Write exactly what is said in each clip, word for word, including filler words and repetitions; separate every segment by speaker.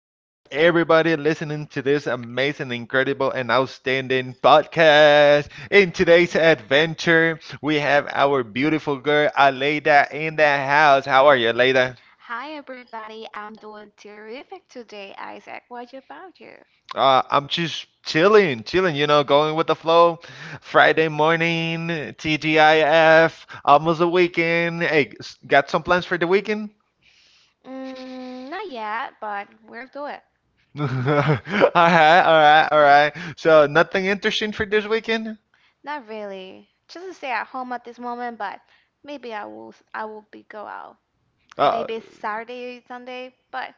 Speaker 1: for everybody listening to this amazing, incredible, and outstanding podcast. In today's adventure, we have our beautiful girl Aleida in the house. How are you, Aleida?
Speaker 2: Hi everybody, I'm doing terrific today, Isaac. What about you?
Speaker 1: Uh, I'm just chilling, chilling, you know, going with the flow. Friday morning, T G I F, almost a weekend. Hey, s- got some plans for the weekend?
Speaker 2: Mm, not yet, but we'll do it.
Speaker 1: All right, all right, all right. So, nothing interesting for this weekend?
Speaker 2: Not really. Just stay at home at this moment, but maybe I will I will be go out.
Speaker 1: Uh,
Speaker 2: Maybe Saturday, Sunday, but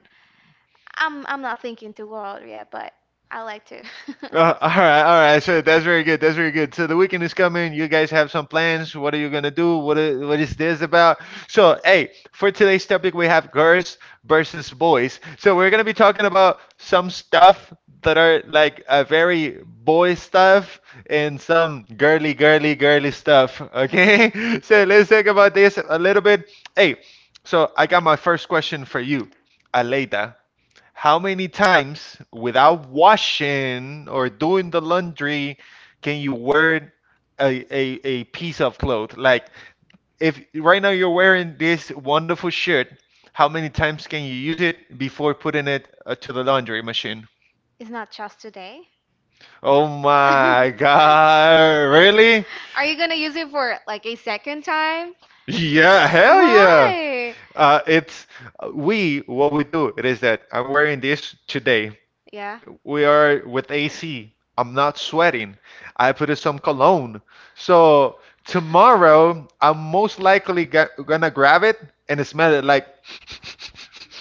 Speaker 2: I'm I'm not thinking to go out yet, but I like to.
Speaker 1: uh, all right, all right. So that's very good. That's very good. So the weekend is coming. You guys have some plans. What are you gonna do? What is, what is this about? So hey, for today's topic, we have girls versus boys. So we're gonna be talking about some stuff that are like a very boy stuff and some girly, girly, girly stuff. Okay. So let's talk about this a little bit. Hey, so I got my first question for you, Aleida. How many times without washing or doing the laundry can you wear a, a, a piece of cloth? Like if right now you're wearing this wonderful shirt, how many times can you use it before putting it uh, to the laundry machine?
Speaker 2: It's not just today.
Speaker 1: Oh my God, really?
Speaker 2: Are you gonna use it for like a second time?
Speaker 1: Yeah, hell yeah.
Speaker 2: Why?
Speaker 1: Uh, it's uh, we what we do it is that I'm wearing this today
Speaker 2: Yeah.
Speaker 1: we are with A C. I'm not sweating. I put in some cologne. So tomorrow, I'm most likely ga- gonna grab it and smell it like.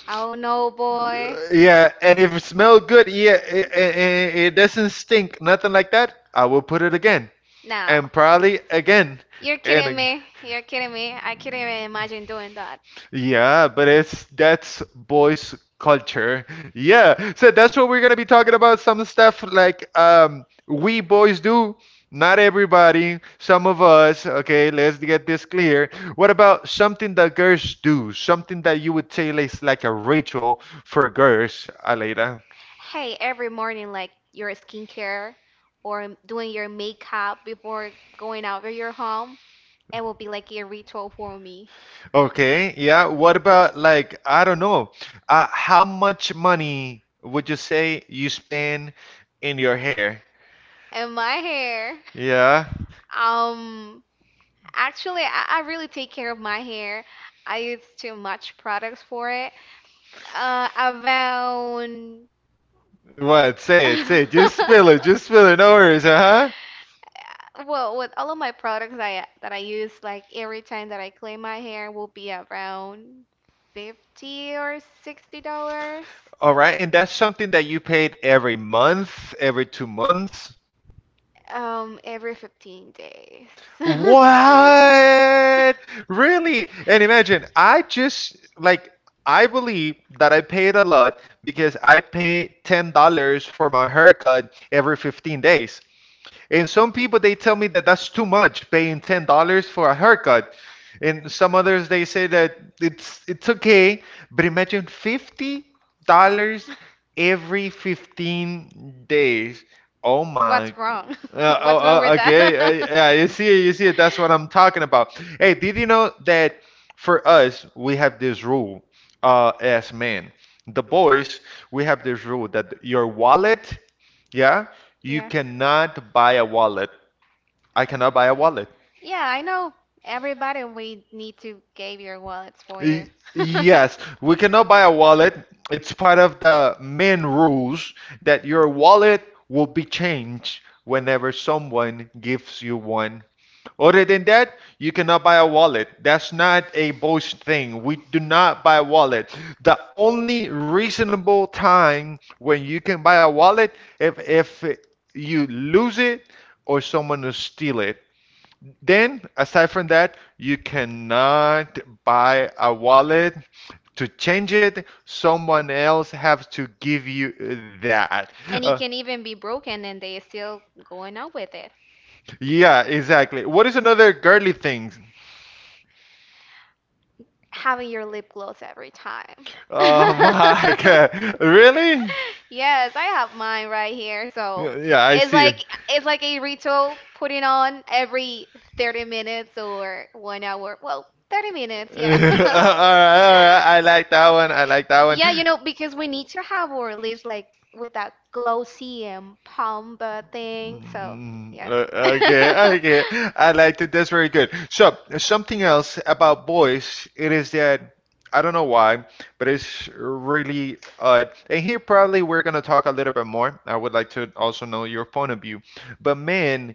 Speaker 2: Oh no, boy.
Speaker 1: Yeah, and if it smells good, yeah, it, it, it doesn't stink, nothing like that. I will put it again,
Speaker 2: No.
Speaker 1: and probably again,
Speaker 2: You're eh,
Speaker 1: and
Speaker 2: kidding
Speaker 1: ag-
Speaker 2: me. You're kidding me. I couldn't even imagine doing that.
Speaker 1: yeah, but it's that's boys culture. Yeah. So that's what we're gonna be talking about. Some stuff like um we boys do. Not everybody, some of us, okay, let's get this clear. What about something that girls do? Something that you would say is like a ritual for girls, Aleida.
Speaker 2: Hey, every morning, like your skincare or doing your makeup before going out of your home, it will be like a ritual for me.
Speaker 1: Okay, yeah. What about like, I don't know, uh, how much money would you say you spend in your hair?
Speaker 2: And my hair.
Speaker 1: Yeah.
Speaker 2: Um, Actually, I, I really take care of my hair. I use too much products for it. Uh, around.
Speaker 1: What?
Speaker 2: What? Say
Speaker 1: Say it.
Speaker 2: it,
Speaker 1: Say it.
Speaker 2: just
Speaker 1: Just spill
Speaker 2: spill it,
Speaker 1: it. Just
Speaker 2: just spill
Speaker 1: spill it. No
Speaker 2: the
Speaker 1: worries,
Speaker 2: words,
Speaker 1: uh
Speaker 2: uh-huh.
Speaker 1: huh.
Speaker 2: Well, with all of my products I that I use, like every time that I clean my hair will be around fifty or sixty dollars.
Speaker 1: All right, and that's something that you paid every month, every two months.
Speaker 2: Um, every fifteen days.
Speaker 1: What? Really? And imagine, I just like I believe that I paid a lot because I pay ten dollars for my haircut every fifteen days. And some people they tell me that that's too much, paying ten dollars for a haircut. And some others they say that it's it's okay, but imagine fifty dollars every fifteen days.
Speaker 2: What?
Speaker 1: Oh
Speaker 2: Oh, What's
Speaker 1: my.
Speaker 2: my. Wrong?
Speaker 1: Uh,
Speaker 2: What's
Speaker 1: oh,
Speaker 2: wrong Uh, with
Speaker 1: oh,
Speaker 2: I- that? I-
Speaker 1: okay.
Speaker 2: I-
Speaker 1: Uh, yeah,
Speaker 2: Yeah,
Speaker 1: you
Speaker 2: you see,
Speaker 1: see it, you
Speaker 2: you see, that's
Speaker 1: see it. That's what
Speaker 2: what
Speaker 1: I'm
Speaker 2: I'm
Speaker 1: talking
Speaker 2: talking
Speaker 1: about.
Speaker 2: about.
Speaker 1: Hey, did you know that for us we have this rule uh, as men, the boys, we have this rule that your wallet, yeah, you
Speaker 2: Yes.
Speaker 1: cannot buy a wallet. I cannot buy a wallet.
Speaker 2: Yeah, I know everybody, we need to give your wallets for
Speaker 1: Y-
Speaker 2: you.
Speaker 1: Yes, we cannot buy a wallet. It's part of the main rules that your wallet will be changed whenever someone gives you one. Other than that, you cannot buy a wallet. That's not a Bosch thing. We do not buy a wallet. The only reasonable time when you can buy a wallet if if you lose it or someone will steal it. Then, aside from that, you cannot buy a wallet. To change it, someone else has to give you that.
Speaker 2: And it
Speaker 1: Uh,
Speaker 2: can even be broken and they still going out with it,
Speaker 1: yeah, exactly. What is another girly thing?
Speaker 2: having your lip gloss every time.
Speaker 1: Oh my god. Really?
Speaker 2: Yeah, yes, I have mine right here. So
Speaker 1: Yeah, yeah, I
Speaker 2: it's
Speaker 1: see. It.
Speaker 2: like it's like a ritual putting on every thirty minutes or one hour. Well, thirty minutes,
Speaker 1: all
Speaker 2: yeah.
Speaker 1: right, all right. I like that one. I like that one.
Speaker 2: Yeah,
Speaker 1: Mm,
Speaker 2: you know, because we need to have our lips like with that glossy and pump uh, thing. So yeah.
Speaker 1: o- okay, okay. I like it. That's very good. So, something else about boys, it is that I don't know why, but it's really odd. And here, probably, we're gonna talk a little bit more. I would like to also know your point of view. But men,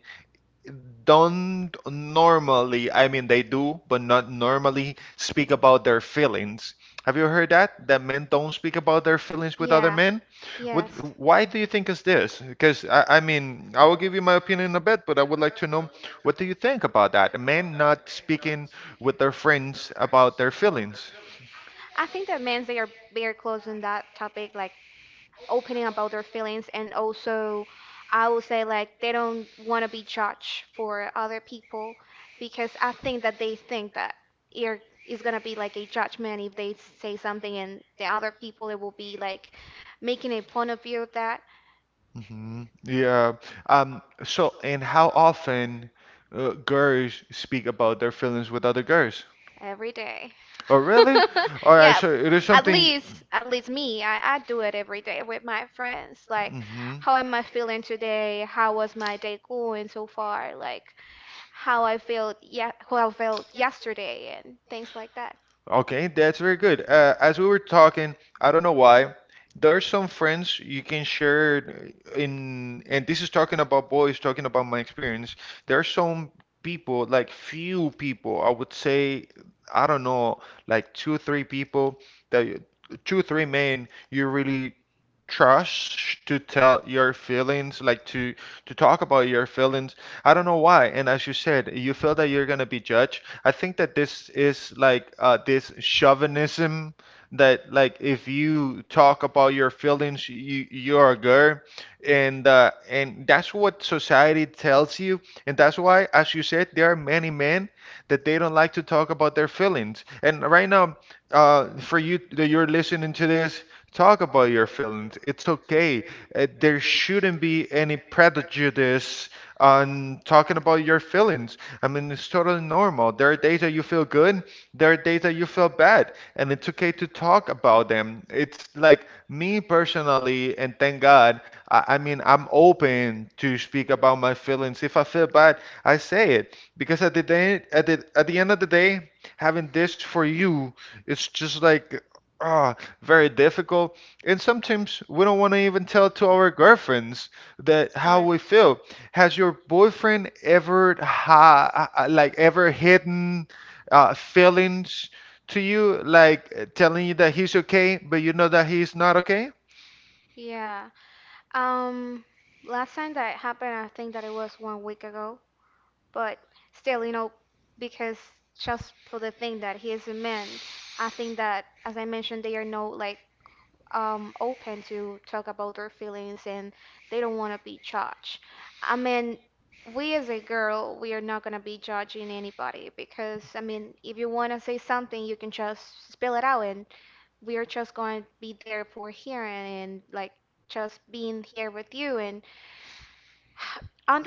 Speaker 1: don't normally, I mean, they do, but not normally speak about their feelings. Have you heard that? That men don't speak about their feelings with other
Speaker 2: Yeah.
Speaker 1: men? What,
Speaker 2: Yes.
Speaker 1: why do you think is this? Because I, I mean, I will give you my opinion in a bit, but I would like to know what do you think about that? Men not speaking with their friends about their feelings.
Speaker 2: I think that men, they are very close on that topic, like opening about their feelings, and also I would say like they don't want to be judged for other people because I think that they think that it is gonna be like a judgment if they say something and the other people it will be like making a point of view of that.
Speaker 1: Hmm. Yeah. Um, so, and how often uh, girls speak about their feelings with other girls?
Speaker 2: Every day.
Speaker 1: Oh, really? All right,
Speaker 2: Yeah,
Speaker 1: so It is
Speaker 2: at
Speaker 1: something.
Speaker 2: least, at least me, I, I do it every day with my friends. Like,
Speaker 1: Hmm.
Speaker 2: how am I feeling today? How was my day going so far? Like, how I felt, yeah, how I felt yesterday and things like that.
Speaker 1: Okay, that's very good. Uh, as we were talking, I don't know why, there's some friends you can share in, and this is talking about boys, talking about my experience. There are some people, like few people, I would say, I don't know, like two, three people that you- two, three men you really trust to tell your feelings, like to to talk about your feelings. I don't know why. And as you said, you feel that you're gonna be judged, I think that this is like uh, this chauvinism that like if you talk about your feelings, you you're a girl, and uh, and that's what society tells you, and that's why, as you said, there are many men that they don't like to talk about their feelings. And right now, uh, for you that you're listening to this, talk about your feelings. It's okay. Uh, there shouldn't be any prejudice on talking about your feelings. I mean, it's totally normal. There are days that you feel good, there are days that you feel bad, and it's okay to talk about them. It's like me personally, and thank God, I, I mean, I'm open to speak about my feelings. If I feel bad, I say it because at the day, at the at the end of the day, having this for you, it's just like. Ah, very difficult. And sometimes we don't want to even tell to our girlfriends that how
Speaker 2: Correct.
Speaker 1: we feel has your boyfriend ever ha uh, like ever hidden uh, feelings to you, like uh, telling you that he's okay, but you know that he's not okay?
Speaker 2: Yeah. Um, Last time that happened, I think that it was one week ago, but still, you know, because just for the thing that he is a man, I think that, as I mentioned, there are no like um, open to talk about their feelings and they don't want to be judged. I mean, we as a girl, we are not going to be judging anybody because, I mean, if you want to say something, you can just spill it out and we are just going to be there for hearing and like just being here with you and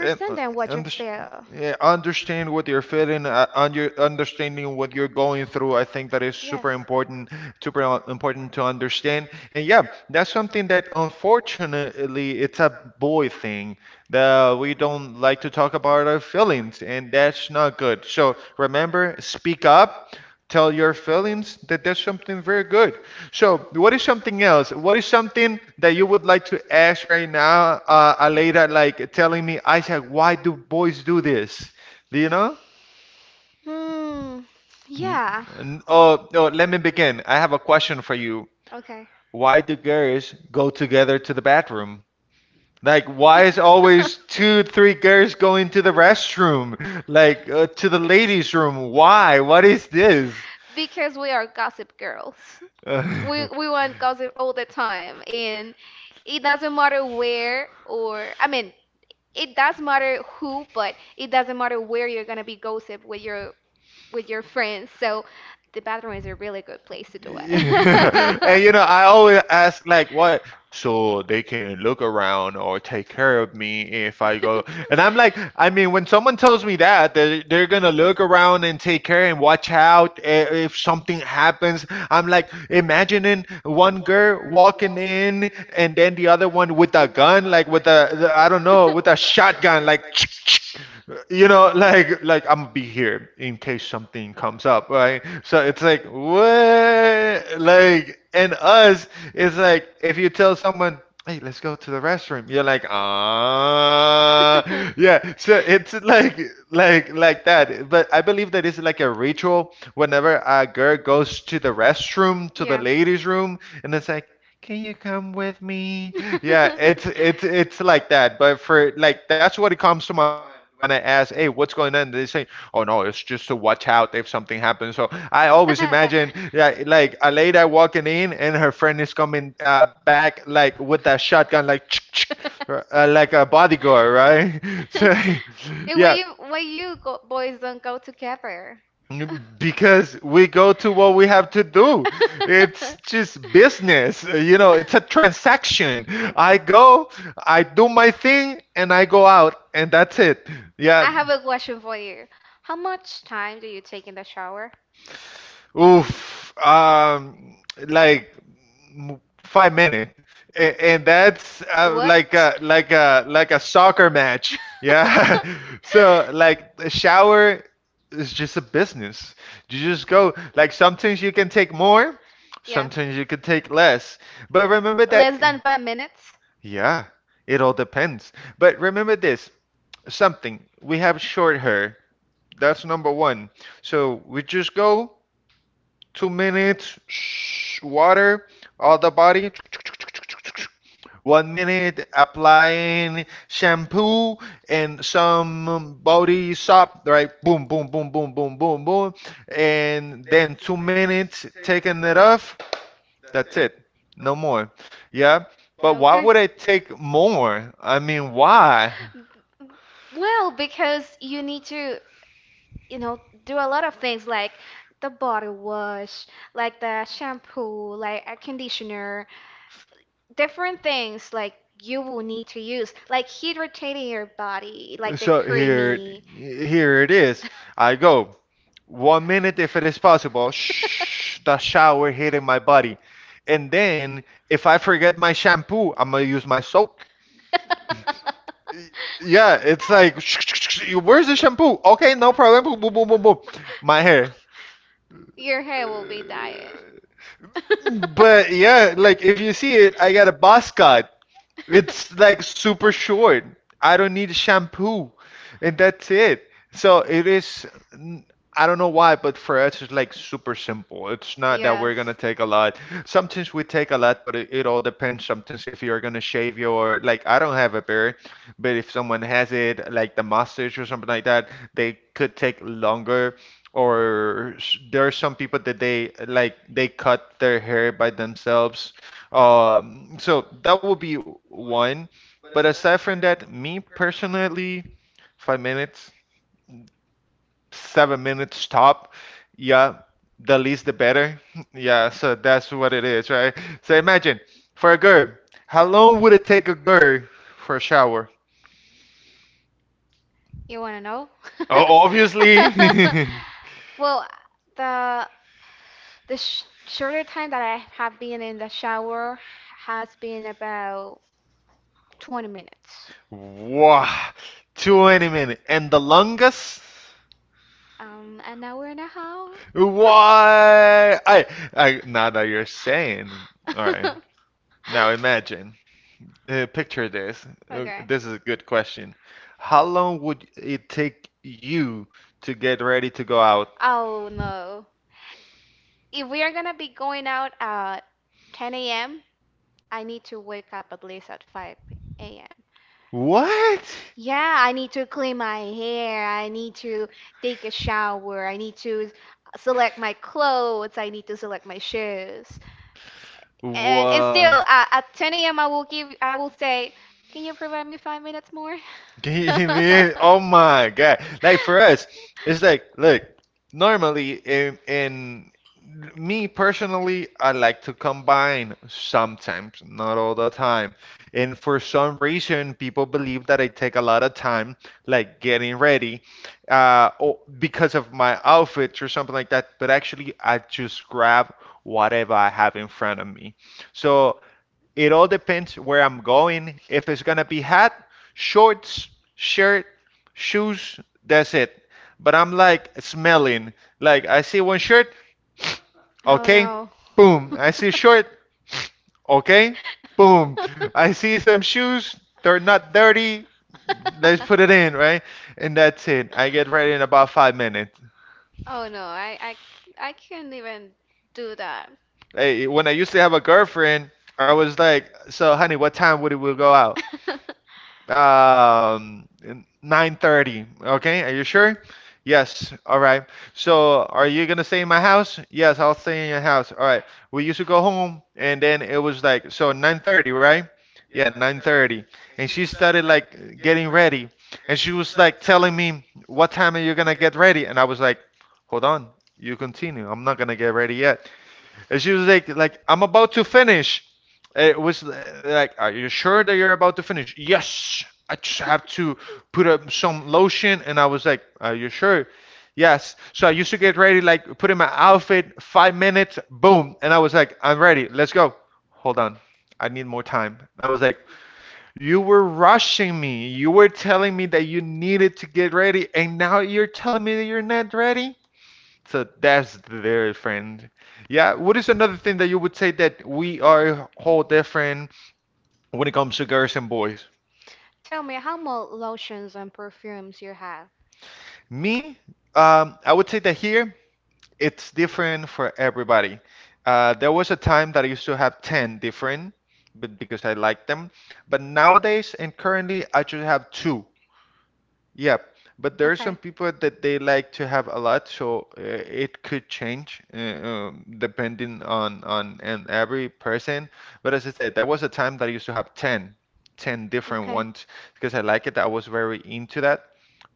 Speaker 1: And, uh,
Speaker 2: what you
Speaker 1: under,
Speaker 2: feel.
Speaker 1: yeah, understand what you're feeling, uh, under, understanding what you're going through. I think that is
Speaker 2: Yes.
Speaker 1: super important, super uh, important to understand. And yeah, that's something that unfortunately it's a boy thing that we don't like to talk about our feelings, and that's not good. So remember, speak up, tell your feelings that that's something very good. So, what is something else? What is something that you would like to ask right now, uh, Aleida, like telling me, Isaac, why do boys do this? Do you know?
Speaker 2: Hmm.
Speaker 1: N-
Speaker 2: Yeah.
Speaker 1: n- Oh, oh, let me begin. I have a question for you.
Speaker 2: Okay.
Speaker 1: Why do girls go together to the bathroom? Like, why is always two, three girls going to the restroom? Like, uh, to the ladies' room? Why? What is this?
Speaker 2: Because we are gossip girls. We we want gossip all the time, and it doesn't matter where, or I mean, it does matter who, but it doesn't matter where you're gonna be gossip with your with your friends. So the bathroom is a really good place to do
Speaker 1: Yeah. and you
Speaker 2: it.
Speaker 1: know, I always ask like what so they can look around or take care of me if I go. And I'm like, I mean, when someone tells me that they're, they're gonna look around and take care and watch out i- if something happens, I'm like imagining one girl walking in and then the other one with a gun, like with a the- I don't know, with a shotgun, like you know, like like I'm gonna be here in case something comes up, right? So it's like what, like, and us, it's like if you tell someone. Hey, let's go to the restroom. You're like, ah, yeah. So it's like, like, like that. But I believe that it's like a ritual whenever a girl goes to the restroom, to the
Speaker 2: Yeah.
Speaker 1: ladies' room, and it's like, "Can you come with me?" Yeah, it's it's it's like that. But for like that's what it comes to my mind when I ask, "Hey, what's going on?" They say, "Oh no, it's just to watch out if something happens." So I always imagine, yeah, like a lady walking in and her friend is coming uh, back like with that shotgun, like uh, like a bodyguard, right? So yeah.
Speaker 2: When you why you go, boys don't go together.
Speaker 1: Because we go to what we have to do. It's just business. uh, You know, it's a transaction. I go, I do my thing, and I go out, and that's it. Yeah.
Speaker 2: Have a question for you. How much time do you take in the shower?
Speaker 1: Oof, um, like m- five minute, A- and that's uh, like a like a like a soccer match. Yeah, so like the shower is just a business. You just go. Like sometimes you can take more, sometimes you can take less. But remember that.
Speaker 2: Than five minutes.
Speaker 1: Yeah, it all depends. But remember this, something. We have short hair. That's number one. So we just go two minutes water all the body, one minute applying shampoo and some body soap, right? Boom, boom, boom, boom, boom, boom, boom. And then two minutes taking it off. That's it, no more. Yeah, but why
Speaker 2: Okay.
Speaker 1: would I take more? I mean why?
Speaker 2: Well, because you need to, you know, do a lot of things like the body wash, like the shampoo, like a conditioner, different things like you will need to use, like hydrating your body, like the
Speaker 1: So here,
Speaker 2: creamy.
Speaker 1: here it is. I go one minute if it is possible. Shh, the shower hitting my body. And then if I forget my shampoo, I'm gonna use my soap. Yeah, it's like, sh- sh- sh- sh- where's the shampoo? Okay, no problem. Boom, boom, boom, boom, boom. My hair.
Speaker 2: Your hair will be dyed. I don't.
Speaker 1: But yeah, like if you see it, I got a boss cut. It's like super short. I don't need shampoo, and that's it. So it is. n- I don't know why, but for us, it's like super simple. It's not that
Speaker 2: Yes.
Speaker 1: we're gonna take a lot. Sometimes we take a lot, but it, it all depends. Sometimes if you're gonna shave your, like, I don't have a beard, but if someone has it, like the mustache or something like that, they could take longer. Or s- there are some people that they like they cut their hair by themselves, um, so that would be one. But aside from that, me personally, five minutes, seven minutes top. Yeah, the least the better. Yeah, so that's what it is, right? So imagine for a girl, how long would it take a girl for a shower?
Speaker 2: We're gonna. You want to
Speaker 1: Oh,
Speaker 2: know?
Speaker 1: obviously.
Speaker 2: Well, the The sh- shorter time that I have been in the shower has been about twenty minutes.
Speaker 1: Wow, twenty minutes. And the longest?
Speaker 2: Um, an hour and a half.
Speaker 1: Why? I, I, now that you're saying. All right. Now imagine. Uh, picture this. Uh,
Speaker 2: Okay.
Speaker 1: This is a good question. How long would it take you to get ready to go out?
Speaker 2: Oh no. If we are gonna be going out at ten a m, I need to wake up at least at five a m.
Speaker 1: What?
Speaker 2: Yeah, I need to clean my hair. I need to take a shower. I need to select my clothes. I need to select my shoes. and and still
Speaker 1: What?
Speaker 2: uh, at ten a m. I will give I will say, can you provide me five minutes more?
Speaker 1: Man, oh my God. Like for us, it's like, look, normally in, in me personally, I like to combine sometimes, not all the time. And for some reason, people believe that I take a lot of time, like getting ready, uh, or because of my outfits or something like that. But actually, I just grab whatever I have in front of me. So it all depends where I'm going. If it's gonna be hat, shorts, shirt, shoes, that's it. But I'm like smelling. Like I see one shirt,
Speaker 2: Oh
Speaker 1: okay,
Speaker 2: no.
Speaker 1: boom. I see short, okay, boom. I see some shoes, they're not dirty. Let's put it in, right? And that's it. I get ready in about five minutes.
Speaker 2: Oh no, I I I can't even do that.
Speaker 1: Hey, when I used to have a girlfriend, I was like, "So, honey, what time would we go out?" Um, nine thirty. Okay, are you sure? Yes. All right. So, are you gonna stay in my house? Yes, I'll stay in your house. All right. We used to go home, and then it was like so nine thirty, right? Yeah, nine thirty. And she started like getting ready, and she was like telling me, "What time are you gonna get ready?" And I was like, "Hold on, you continue. I'm not gonna get ready yet." And she was like, like I'm about to finish. It was uh, like, are you sure that you're about to finish? Yes. I just have to put up some lotion. And I was like, are you sure? Yes. So I used to get ready, like put in my outfit, five minutes, boom. And I was like, I'm ready. Let's go. Hold on. I need more time. And I was like, you were rushing me. You were telling me that you needed to get ready. And now you're telling me that you're not ready? So that's their friend. Yeah, what is another thing that you would say that we are whole different when it comes to girls and boys?
Speaker 2: Tell me how more lotions and perfumes you have.
Speaker 1: Me, um, I would say that here it's different for everybody. Uh, there was a time that I used to have ten different, but because I liked them. But nowadays and currently I just have two. Yeah, but there are some
Speaker 2: Okay.
Speaker 1: people that they like to have a lot, so uh, it could change uh, um, depending on on and every person. But as I said, there was a time that I used to have ten, ten different
Speaker 2: Okay.
Speaker 1: ones because I like it. I was very into that.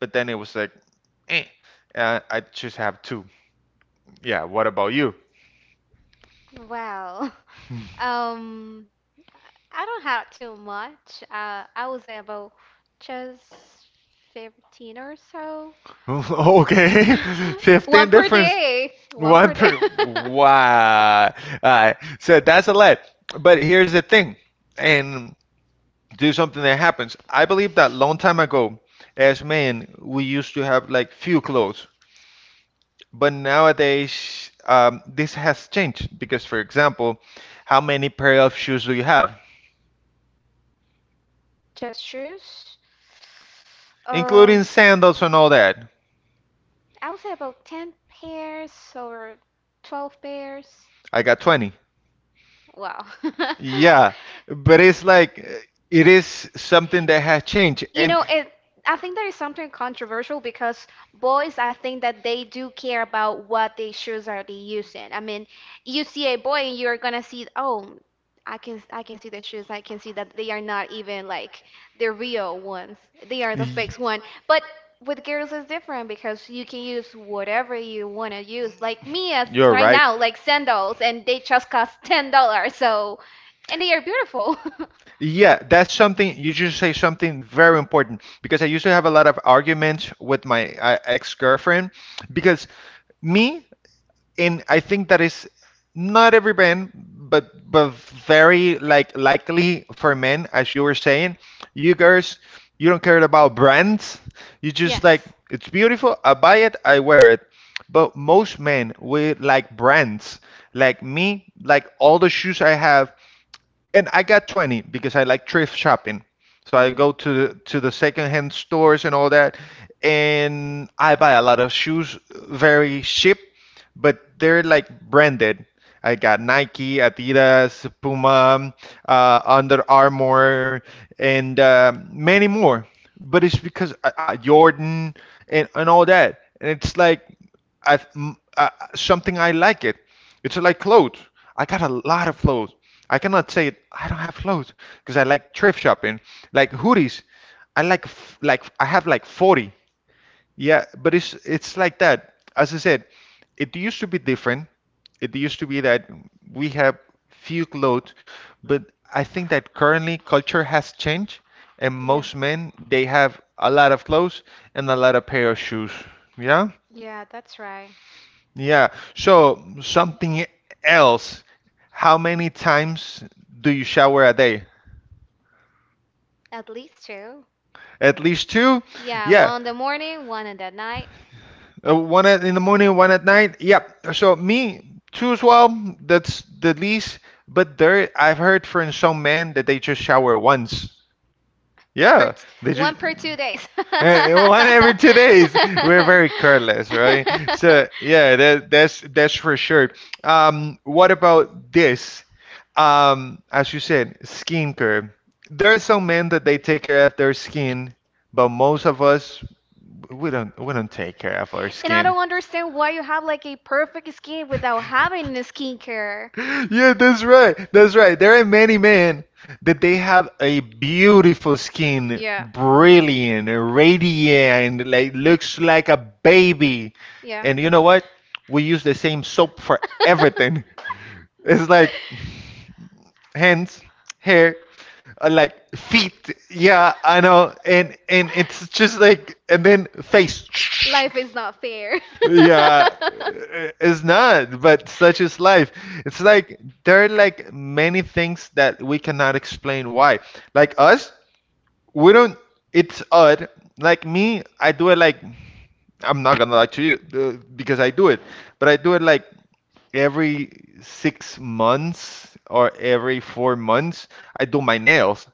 Speaker 1: But then it was like, eh, uh, I just have two. Yeah, what about you?
Speaker 2: Wow. Um, I don't have too much. Uh, I was able just fifteen or so.
Speaker 1: Okay,
Speaker 2: One
Speaker 1: fifteen
Speaker 2: per
Speaker 1: difference.
Speaker 2: day. One
Speaker 1: One
Speaker 2: per day.
Speaker 1: per. Wow. All right. So that's a lot. But here's the thing. And do something that happens. I believe that long time ago, as men, we used to have like few clothes, but nowadays, um, this has changed because, for example, how many pair of shoes do you have,
Speaker 2: Just shoes. Um,
Speaker 1: including sandals and all that?
Speaker 2: I would say about ten pairs or twelve pairs.
Speaker 1: I got twenty.
Speaker 2: Wow.
Speaker 1: Yeah, but it's like uh, it is something that has changed,
Speaker 2: You
Speaker 1: and
Speaker 2: know, it, I think there is something controversial because boys, I think that they do care about what they shoes are they using. I mean, you see a boy and you're gonna see, oh, I can I can see the shoes. I can see that they are not even like the real ones. They are the
Speaker 1: y-
Speaker 2: fake one. But with girls, it's different because you can use whatever you wanna use. Like me, as you're right. right. Now, like sandals, and they just cost ten dollars. So, and they are beautiful.
Speaker 1: yeah, that's something you just say something very important because I used to have a lot of arguments with my uh, ex-girlfriend because me and I think that is not every man, but but very like likely for men, as you were saying, you girls, you don't care about brands. You just like
Speaker 2: Yes.
Speaker 1: it's beautiful. I buy it, I wear it. But most men, we like brands. Like me, like all the shoes I have, and I got twenty because I like thrift shopping. So I go
Speaker 2: Mhm.
Speaker 1: to the, to the secondhand stores and all that, and I buy a lot of shoes, very cheap, but they're like branded. I got Nike, Adidas, Puma, uh, Under Armour, and um many more. But it's because uh, uh, Jordan and, and all that. And it's like I've, m- uh, uh, something I like it. It's like clothes. I got a lot of clothes. I cannot say I don't have clothes because I like thrift shopping, like hoodies. I like f- like I have like forty. Yeah, but it's it's like that. As I said, it used to be different. It used to be that we have few clothes, but I think that currently culture has changed, and
Speaker 2: Yeah.
Speaker 1: most men they have a lot of clothes and a lot of pair of shoes. Yeah?
Speaker 2: Yeah, that's right.
Speaker 1: Yeah. So something else. How many times do you shower a day?
Speaker 2: At least two.
Speaker 1: At least two?
Speaker 2: Yeah, yeah,
Speaker 1: Yeah.
Speaker 2: one in the morning, one in the night.
Speaker 1: Uh, one at, in the morning, one at night. Yep. So me, two as well. That's the least. But there, I've heard from some men that they just shower once.
Speaker 2: Per
Speaker 1: Yeah,
Speaker 2: t-
Speaker 1: they
Speaker 2: One
Speaker 1: just
Speaker 2: per two days.
Speaker 1: Eh, one every two days. We're very careless, right? So yeah, that, that's that's for sure. Um, what about this? Um, as you said, skincare. There are some men that they take care of their skin, but most of us we don't we don't take care of our
Speaker 2: And I don't
Speaker 1: skin.
Speaker 2: understand why you have like a perfect skin without having the skincare.
Speaker 1: Yeah, that's right. That's right. There are many men that they have a beautiful skin,
Speaker 2: Yeah,
Speaker 1: brilliant, radiant, like looks like a baby.
Speaker 2: yeah.
Speaker 1: And you know what? We use the same soap for everything. It's like hands, hair, uh, like feet. Yeah, I know. And and it's just like and then face.
Speaker 2: Life is not fair.
Speaker 1: Yeah, i- it's not, but such is life. It's like there are like many things that we cannot explain why. Like us, we don't, it's odd. Like me, I do it like, I'm not gonna lie to you, uh, because I do it, but I do it like every six months or every four months, I do my nails.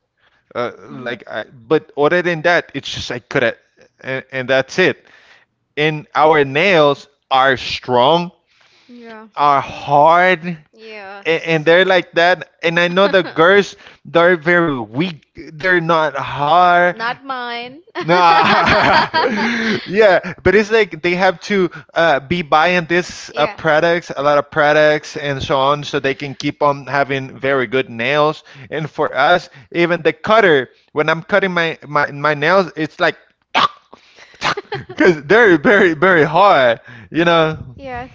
Speaker 1: Uh, like, I, but other than that, it's just I could, and, and that's it. And our nails are strong,
Speaker 2: Mhm.
Speaker 1: are hard, and,
Speaker 2: Yes.
Speaker 1: and they're like that. And I know the girls, they're very weak. They're not hard.
Speaker 2: Not mine.
Speaker 1: Nah, yeah, but it's like they have to uh, be buying this uh,
Speaker 2: Yes.
Speaker 1: products, a lot of products, and so on, so they can keep on having very good nails. And for us, even the cutter, when I'm cutting my my, my nails, it's like because they're very very hard, you know.
Speaker 2: Yes.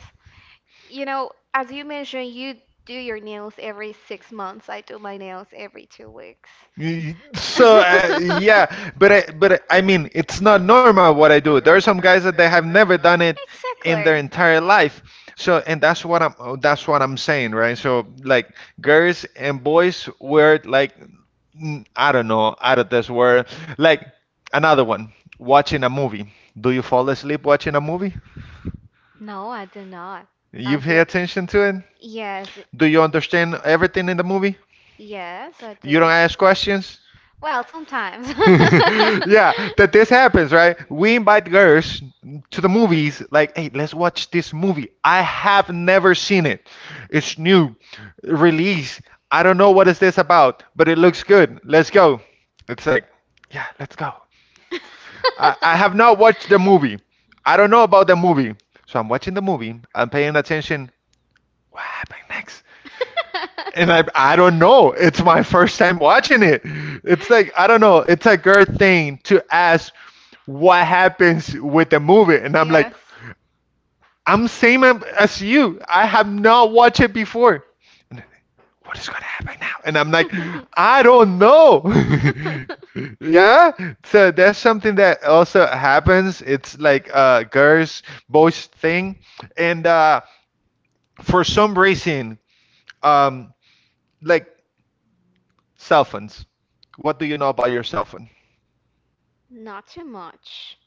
Speaker 2: You know, as you mentioned, you do your nails every six months. I do my nails every two weeks.
Speaker 1: Y- So uh, yeah,
Speaker 2: Exactly.
Speaker 1: but I, but I mean, it's not normal what I do. There are some guys that they have never done it in their entire life. So and that's what I'm oh, that's what I'm saying, right? So like girls and boys were like mm, I don't know, out of this world. Like another one, watching a movie. Do you fall asleep watching a movie?
Speaker 2: No, I do not.
Speaker 1: You pay
Speaker 2: Until
Speaker 1: attention to it?
Speaker 2: yes,
Speaker 1: Do you understand everything in the movie?
Speaker 2: yes, I
Speaker 1: You don't
Speaker 2: do.
Speaker 1: ask questions?
Speaker 2: Well, sometimes.
Speaker 1: Yeah, that this happens, right? We invite girls to the movies, like, hey, let's watch this movie. I have never seen it. It's new, release. I don't know what is this about, but it looks good. Let's go. It's like, yeah, let's go. I, I have not watched the movie. I don't know about the movie. So I'm watching the movie. I'm paying attention. What happened next? And I I don't know. It's my first time watching it. It's like I don't know. It's a girl thing to ask what happens with the movie, and I'm like,
Speaker 2: Yes.
Speaker 1: I'm same ab- as you. I have not watched it before. What is gonna happen now? And I'm like, I don't know. Yeah. So that's something that also happens. It's like a girls boys thing, and uh, for some reason, um, like cell phones. What do you know about your cell phone?
Speaker 2: Not too much.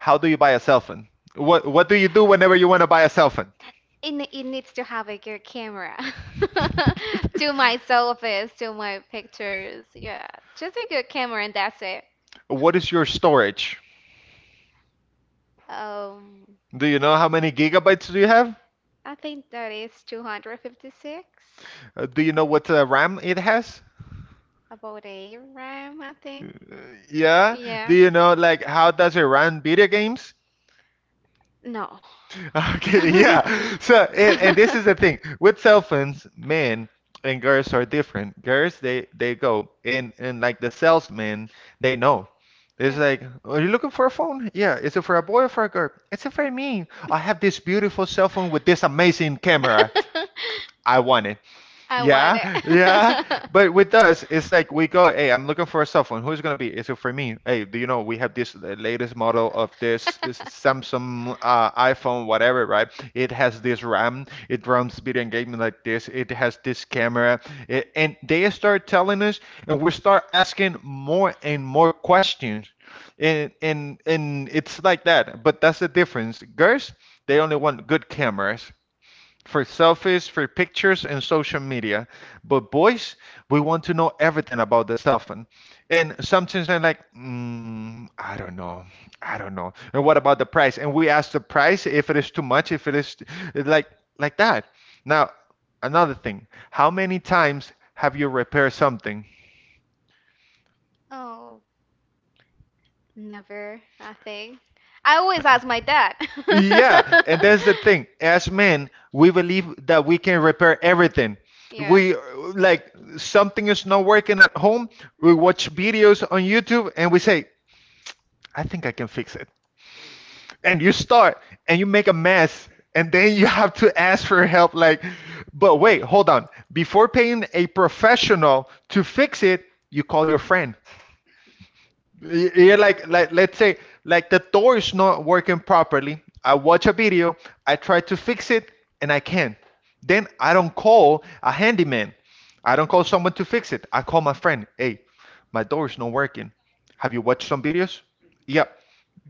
Speaker 1: How do you buy a cell phone? What What do you do whenever you want to buy a cell phone?
Speaker 2: It, ne- it needs to have a good camera. To my selfies, to my pictures. Yeah, just a good camera and that's it.
Speaker 1: What is your storage?
Speaker 2: Um,
Speaker 1: Do you know how many gigabytes do you have?
Speaker 2: I think that is two hundred fifty-six,
Speaker 1: Uh, do you know what uh, RAM it has?
Speaker 2: about a RAM, I think.
Speaker 1: Yeah. Do
Speaker 2: Yeah.
Speaker 1: you know, like, how does it run video games?
Speaker 2: No.
Speaker 1: Okay. Yeah. So, and, and this is the thing with cell phones, men and girls are different. Girls, they they go and and, like, the salesmen, they know. It's like, are you looking for a phone? Yeah. Is it for a boy or for a girl? It's for me. I have this beautiful cell phone with this amazing camera. I want.
Speaker 2: I want
Speaker 1: Yeah, yeah.
Speaker 2: it.
Speaker 1: But with us, it's like we go, hey, I'm looking for a cell phone. Who's it gonna be? Is it for me? Hey, do you know we have this the latest model of this is Samsung, uh, iPhone, whatever, right? It has this RAM. It runs video engagement like this. It has this camera. It, and they start telling us, and we start asking more and more questions. And and and it's like that. But that's the difference. Girls, they only want good cameras for selfies, for pictures, and social media. But boys, we want to know everything about the cell phone. And sometimes I'm like, mm, I don't know, I don't know. And what about the price? And we ask the price if it is too much, if it is like like that. Now, another thing, how many times have you repaired something?
Speaker 2: Oh, never, I think. I always ask my dad.
Speaker 1: Yeah, and that's the thing. As men, we believe that we can repair everything.
Speaker 2: Yeah.
Speaker 1: We uh, like, something is not working at home. We watch videos on YouTube and we say, I think I can fix it. And you start and you make a mess. And then you have to ask for help. Like, but wait, hold on. Before paying a professional to fix it, you call your friend. Y- Yeah, like, like let's say, like, the door is not working properly. I watch a video, I try to fix it, and I can't. Then I don't call a handyman. I don't call someone to fix it. I call my friend. Hey, my door is not working. Have you watched some videos? Yeah,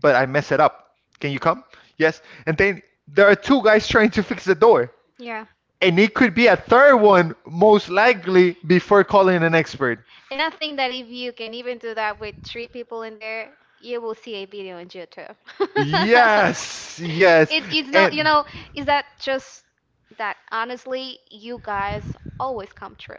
Speaker 1: but I mess it up. Can you come? Yes. And then there are two guys trying to fix the door,
Speaker 2: Yeah.
Speaker 1: and it could be a third one most likely before calling an expert.
Speaker 2: And I think that if you can even do that with three people in there, you will see a video on YouTube.
Speaker 1: Yes, yes.
Speaker 2: It, it's not, you
Speaker 1: And
Speaker 2: know, is that just that honestly, you guys always come true.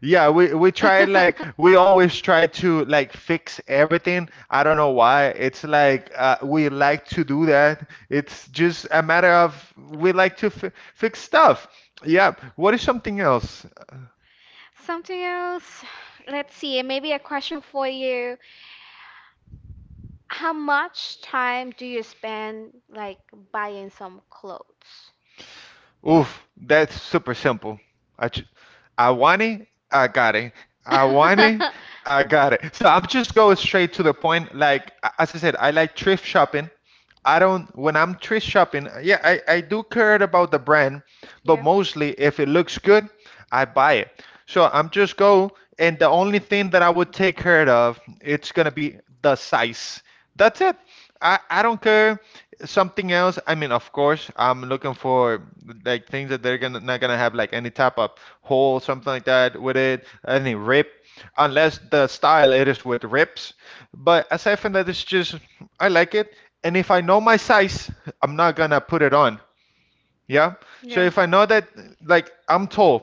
Speaker 1: yeah, we we try, like, we always try to, like, fix everything. I don't know why. It's like uh, we like to do that. It's just a matter of we like to fi fix stuff. Yeah. What is something else?
Speaker 2: Something else. Let's see. Maybe a question for you. How much time do you spend like buying some clothes?
Speaker 1: Oof, that's super simple. I ju- I want it, I got it. I want it, I got it. So I'm just going straight to the point. Like, a- as I said, I like thrift shopping. I don't, when I'm thrift shopping, yeah, I, I do care about the brand, but
Speaker 2: Yeah,
Speaker 1: mostly if it looks good, I buy it. So I'm just go, and the only thing that I would take care of, it's gonna be the size. That's it. I, I don't care something else. I mean, of course, I'm looking for, like, things that they're gonna not gonna have, like, any type of hole, something like that with it, any rip, unless the style it is with rips. But aside from that, it's just I like it, and if I know my size, I'm not gonna put it on. Yeah. So
Speaker 2: yeah,
Speaker 1: if I know that, like, I'm tall,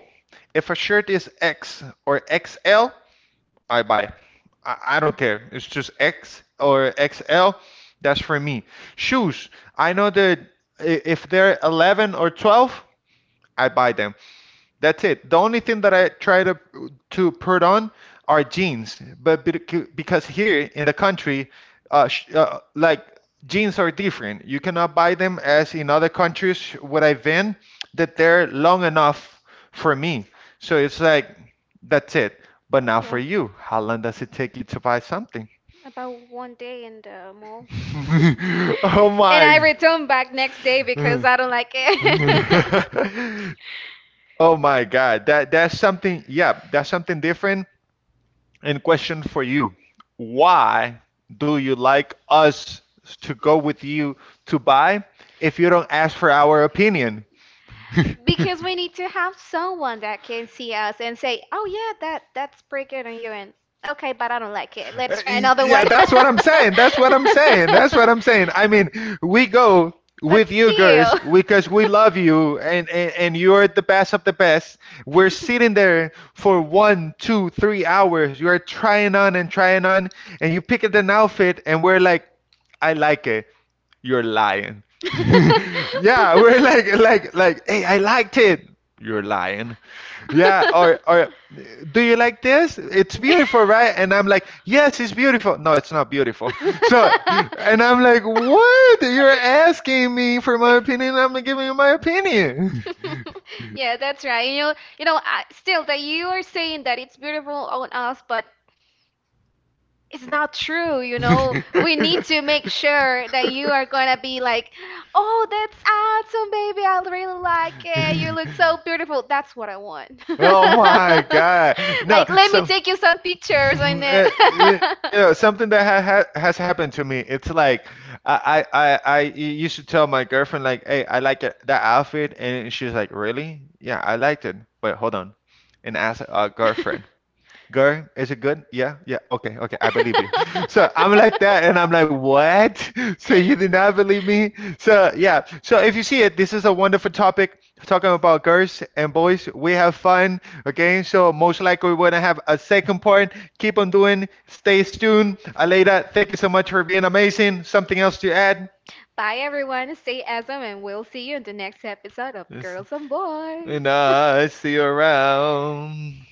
Speaker 1: if a shirt is X or X L, I buy it. I, I don't care. It's just X or X L. That's for me. Shoes. I know that if they're eleven or twelve, I buy them. That's it. The only thing that I try to to put on are jeans, but bec- because here in the country, uh, sh uh, like, jeans are different. You cannot buy them as in other countries where I've been that they're long enough for me. So it's like that's it. But now for
Speaker 2: yeah.
Speaker 1: you, how long does it take you to buy something?
Speaker 2: About one day in the mall.
Speaker 1: Oh
Speaker 2: And I
Speaker 1: my.
Speaker 2: return back next day because I don't like it.
Speaker 1: Oh my God, that that's something. Yeah, that's something different. And question for you: why do you like us to go with you to buy if you don't ask for our opinion?
Speaker 2: Because we need to have someone that can see us and say, "Oh yeah, that that's pretty good on you." And okay, but I don't like it. Let's
Speaker 1: Uh,
Speaker 2: try
Speaker 1: y-
Speaker 2: another
Speaker 1: Yeah,
Speaker 2: one.
Speaker 1: that's what I'm saying. That's what I'm saying. That's what I'm saying. I mean, we go with you girls because we love you, and, and, and you're the best of the best. We're sitting there for one, two, three hours. You're trying on and trying on, and you pick up an outfit, and we're like, I like it. You're lying. Yeah, we're like, like, like, hey, I liked it. You're lying. Yeah, or or do you like this? It's beautiful, right? And I'm like, yes, it's beautiful. No, it's not beautiful.
Speaker 2: So,
Speaker 1: So, and I'm like, what? You're asking me for my opinion. I'm giving you my opinion.
Speaker 2: you're asking. Yeah, that's right. You know, you know, I, still that you are saying that it's beautiful on us, but it's not true, you know. We need to make sure that you are gonna be like, oh, that's awesome, baby. I really like it. You look so beautiful. That's what I want. Oh
Speaker 1: Oh
Speaker 2: my
Speaker 1: my
Speaker 2: God.
Speaker 1: God. No,
Speaker 2: Like, let me
Speaker 1: some
Speaker 2: take you some pictures on
Speaker 1: Eh, eh,
Speaker 2: it.
Speaker 1: you know, something that ha ha has happened to me. It's like I I I I used to tell my girlfriend, like, "Hey, I like it, that outfit." And she's like, "Really?" "Yeah, I liked it." "Wait, hold on." And ask a girlfriend. Girl, is it good? Yeah, yeah. Okay, okay. I believe you. So I'm like that, and I'm like, what? So you did not believe me? So yeah. So if you see it, this is a wonderful topic talking about girls and boys. We have fun. Okay. So most likely we're gonna have a second part. Keep on doing. Stay tuned. Aleda, thank you so much for being amazing. Something else to add?
Speaker 2: Bye, everyone. Stay awesome, and we'll see you in the next episode of
Speaker 1: This-
Speaker 2: Girls and Boys.
Speaker 1: And I see you around.